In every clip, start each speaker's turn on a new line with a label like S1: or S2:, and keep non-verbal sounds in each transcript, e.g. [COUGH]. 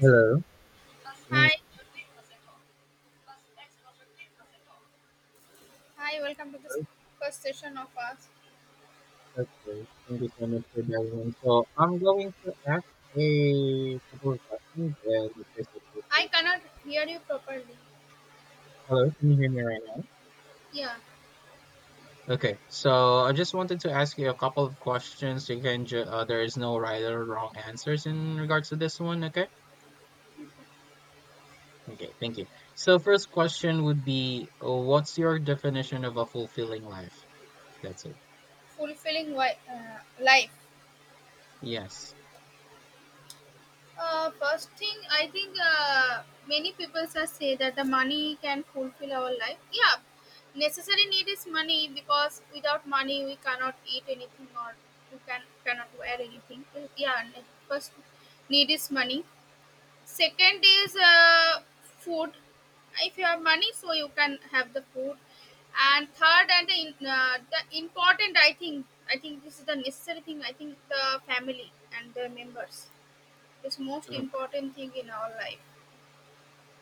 S1: Hello. Can you
S2: Hi, hi, welcome to
S1: hear
S2: this
S1: us?
S2: first session of us.
S1: Okay, thank you so much for that one. So I'm going to ask a couple of questions and if it's okay for
S2: I
S1: you.
S2: cannot hear you properly.
S1: Hello, can you hear me right now?
S2: Yeah,
S1: Okay. So I just wanted to ask you a couple of questions. You can ju there is no right or wrong answers in regards to this one, okay? Okay, thank you. So first question would be, what's your definition of a fulfilling life? That's it.
S2: life.
S1: Yes.
S2: First thing, I think many people are say that the money can fulfill our life. Yeah, necessary need is money because without money we cannot eat anything or we cannot wear anything. Yeah, first need is money. Second is food. If you have money, so you can have the food. And third, the important, I think this is the necessary thing. I think the family and the members. It's most
S1: Mm-hmm.
S2: important thing in our life.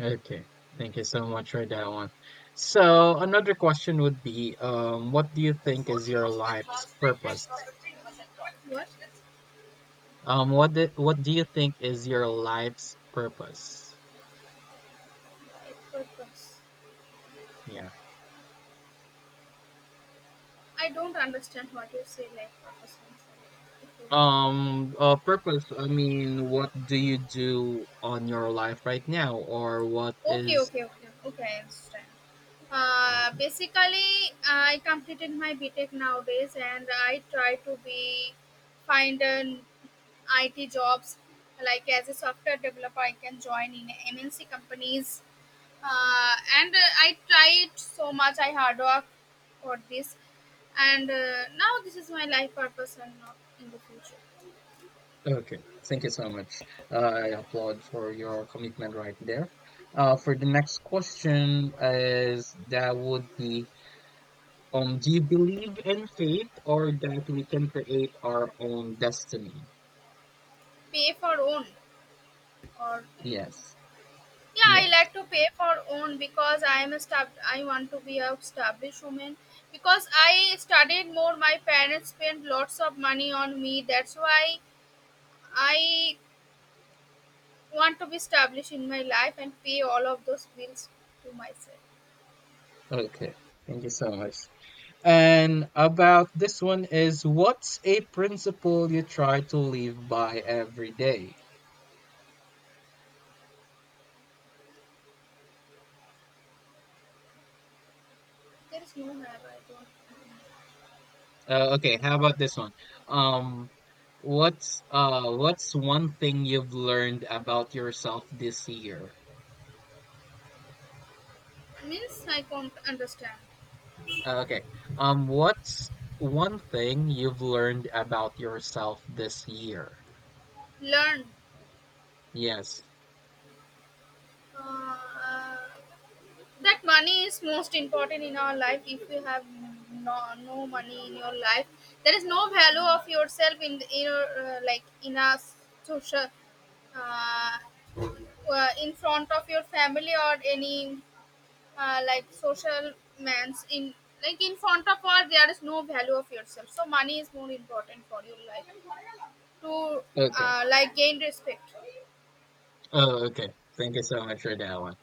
S1: Okay, thank you so much for that one. So another question would be, what do you think is your
S2: What?
S1: life's purpose? What do you think is your life's purpose?
S2: Life purpose.
S1: Yeah.
S2: I don't understand what you say. Like, purpose. I'm
S1: Purpose, I mean, what do you do on your life right now, or what
S2: okay,
S1: is
S2: okay, okay, okay. I understand. Basically, I completed my BTech nowadays, and I try to be find an IT jobs like as a software developer. I can join in MNC companies, and I tried so much. I hard work for this, and now this is my life purpose and not in the future.
S1: okay, thank you so much. I applaud for your commitment right there. For the next question is that would be do you believe in fate or that we can create our own destiny?
S2: Pay for own or anything.
S1: Yes.
S2: Yeah,
S1: Yeah.
S2: I like to pay for own because I am I want to be a established woman because I studied more. My parents spent lots of money on me. That's why I want to be established in my life and pay all of those bills to myself.
S1: Okay, thank you so much. And about this one is what's a principle you try to live by every day?
S2: There is no have I don't
S1: Okay, how about this one? Um, what's one thing you've learned about yourself this year?
S2: means I can't understand.
S1: Okay. What's one thing you've learned about yourself this year?
S2: Learn.
S1: Yes.
S2: Uh, that money is most important in our life. If you have no, no money in your life, there is no value of yourself in in your like in a social, uh, in front of your family or any, like social mans, in like in front of all, there is no value of yourself. So money is more important for your life to,
S1: Okay.
S2: like, gain respect.
S1: Oh, okay, thank you so much for that one.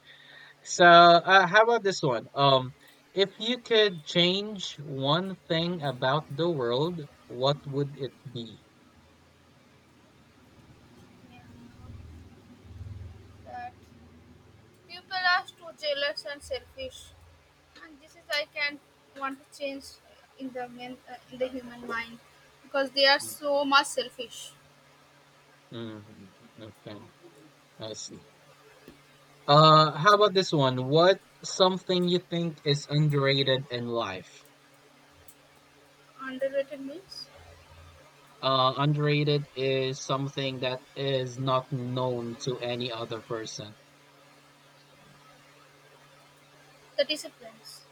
S1: So, how about this one? If you could change one thing about the world, what would it be?
S2: Yeah. That- People are too jealous and selfish, and this is I can want to change in the men in the human mind because they are so much selfish.
S1: Mm, okay, I see. How about this one? What something you think is underrated in life?
S2: Underrated means
S1: Underrated is something that is not known to any other person.
S2: the disciplines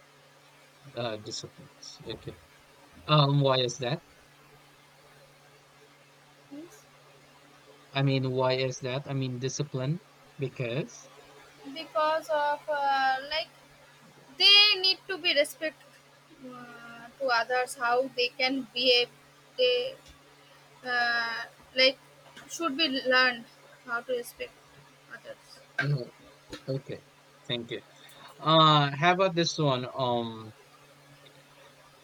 S1: Disciplines. Okay. Why is that?
S2: means
S1: I mean, why is that? I mean, discipline because
S2: because of, like, they need to be respect, to others how they can behave. They, uh, like, should be learned how to respect others.
S1: mhm, okay, thank you. How about this one?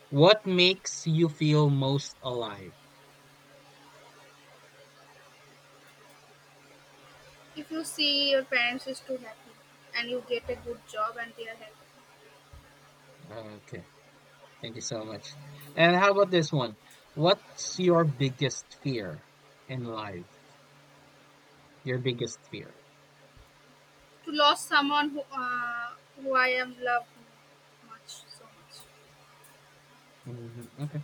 S1: What makes you feel most alive?
S2: If you see your parents is too happy and you get a good job and they are happy.
S1: Okay, thank you so much. And how about this one? What's your biggest fear in life? Your biggest fear.
S2: To lose someone who I am loved much so much.
S1: Hmm, okay,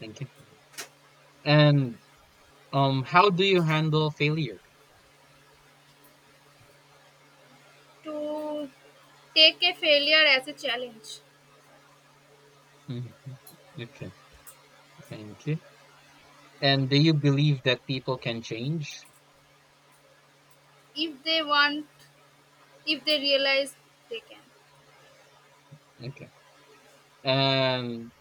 S1: thank you. And how do you handle failure?
S2: To take a failure as a challenge.
S1: Mhm. Okay, thank you. And do you believe that people can change?
S2: If they want, if they realize, they can.
S1: Okay. And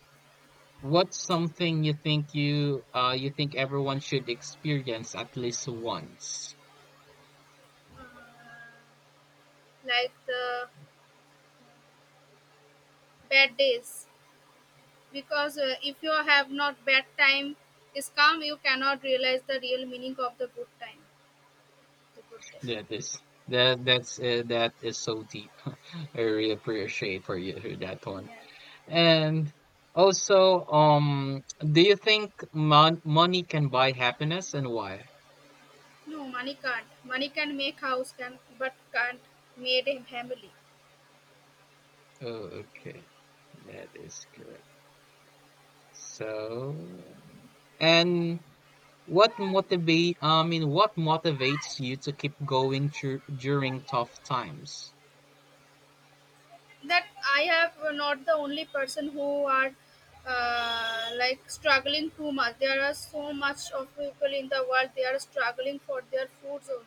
S1: what's something you think you think everyone should experience at least once?
S2: uh, like the bad days, because if you have not bad time is come, you cannot realize the real meaning of the good time, the good day.
S1: That is that's that is so deep. [LAUGHS] I really appreciate for you for that one.
S2: Yeah.
S1: And also, do you think money can buy happiness and why?
S2: No, money can't. Money can make house, can but can't made a family.
S1: Oh, okay, that is correct. So, and what I mean, what motivates you to keep going during tough times?
S2: That I have not the only person who are, like, struggling too much. There are so much of people in the world. They are struggling for their foods only.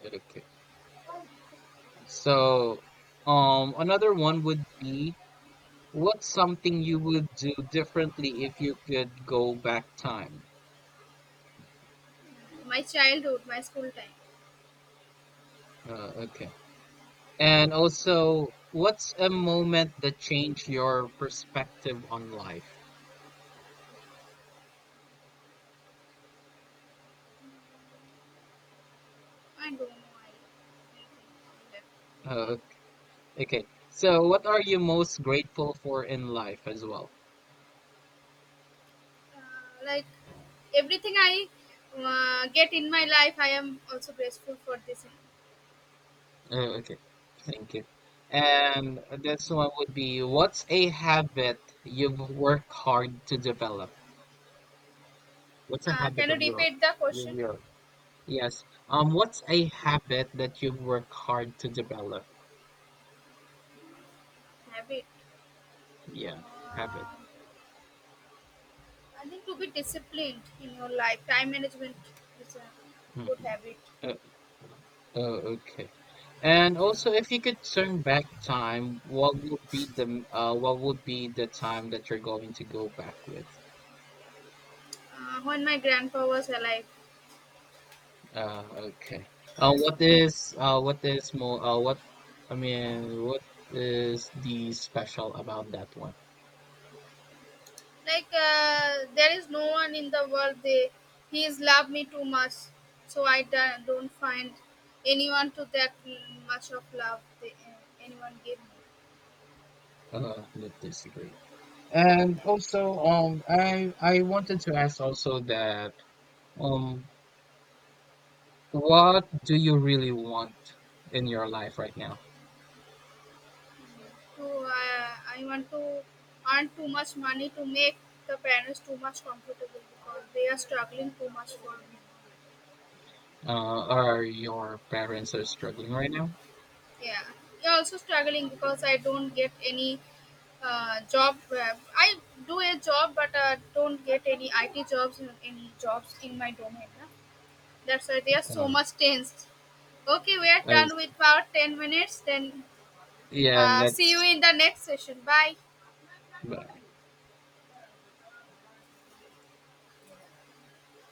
S1: Okay. So, another one would be what's something you would do differently if you could go back time?
S2: My childhood, my school time.
S1: Okay. And also, what's a moment that changed your perspective on life?
S2: I don't know. I
S1: Uh, okay. So, what are you most grateful for in life as well?
S2: uh, like, everything I, get in my life, I am also grateful for this.
S1: Oh, okay, thank you. And this one would be, what's a habit you've worked hard to develop? What's a
S2: Can
S1: habit
S2: you
S1: of yours?
S2: repeat the
S1: Your,
S2: question?
S1: your, yes. What's a habit that you've worked hard to develop?
S2: Habit.
S1: Yeah, habit.
S2: Uh, I think to be disciplined in your life, time management is a good
S1: Hmm.
S2: habit.
S1: Uh, oh, okay. And also, if you could turn back time, what would be the what would be the time that you're going to go back with?
S2: When my grandpa was alive,
S1: Okay. What is more what I mean what is the special about that one?
S2: like, there is no one in the world. They he is loved me too much, so I don't find anyone to that much of love they, anyone gave me.
S1: With this degree. And also, I wanted to ask also that um, what do you really want in your life right now?
S2: So I want to earn too much money to make the parents too much comfortable because they are struggling too much for me.
S1: Are your parents are struggling right now?
S2: Yeah, yeah. Also struggling because I don't get any, job. I do a job, but don't get any IT jobs, any jobs in my domain. Huh? That's why they are so
S1: Uh,
S2: much tense. Okay, we are
S1: I,
S2: done with our 10 minutes. Then
S1: yeah, and
S2: see you
S1: that's.
S2: in the next session. Bye.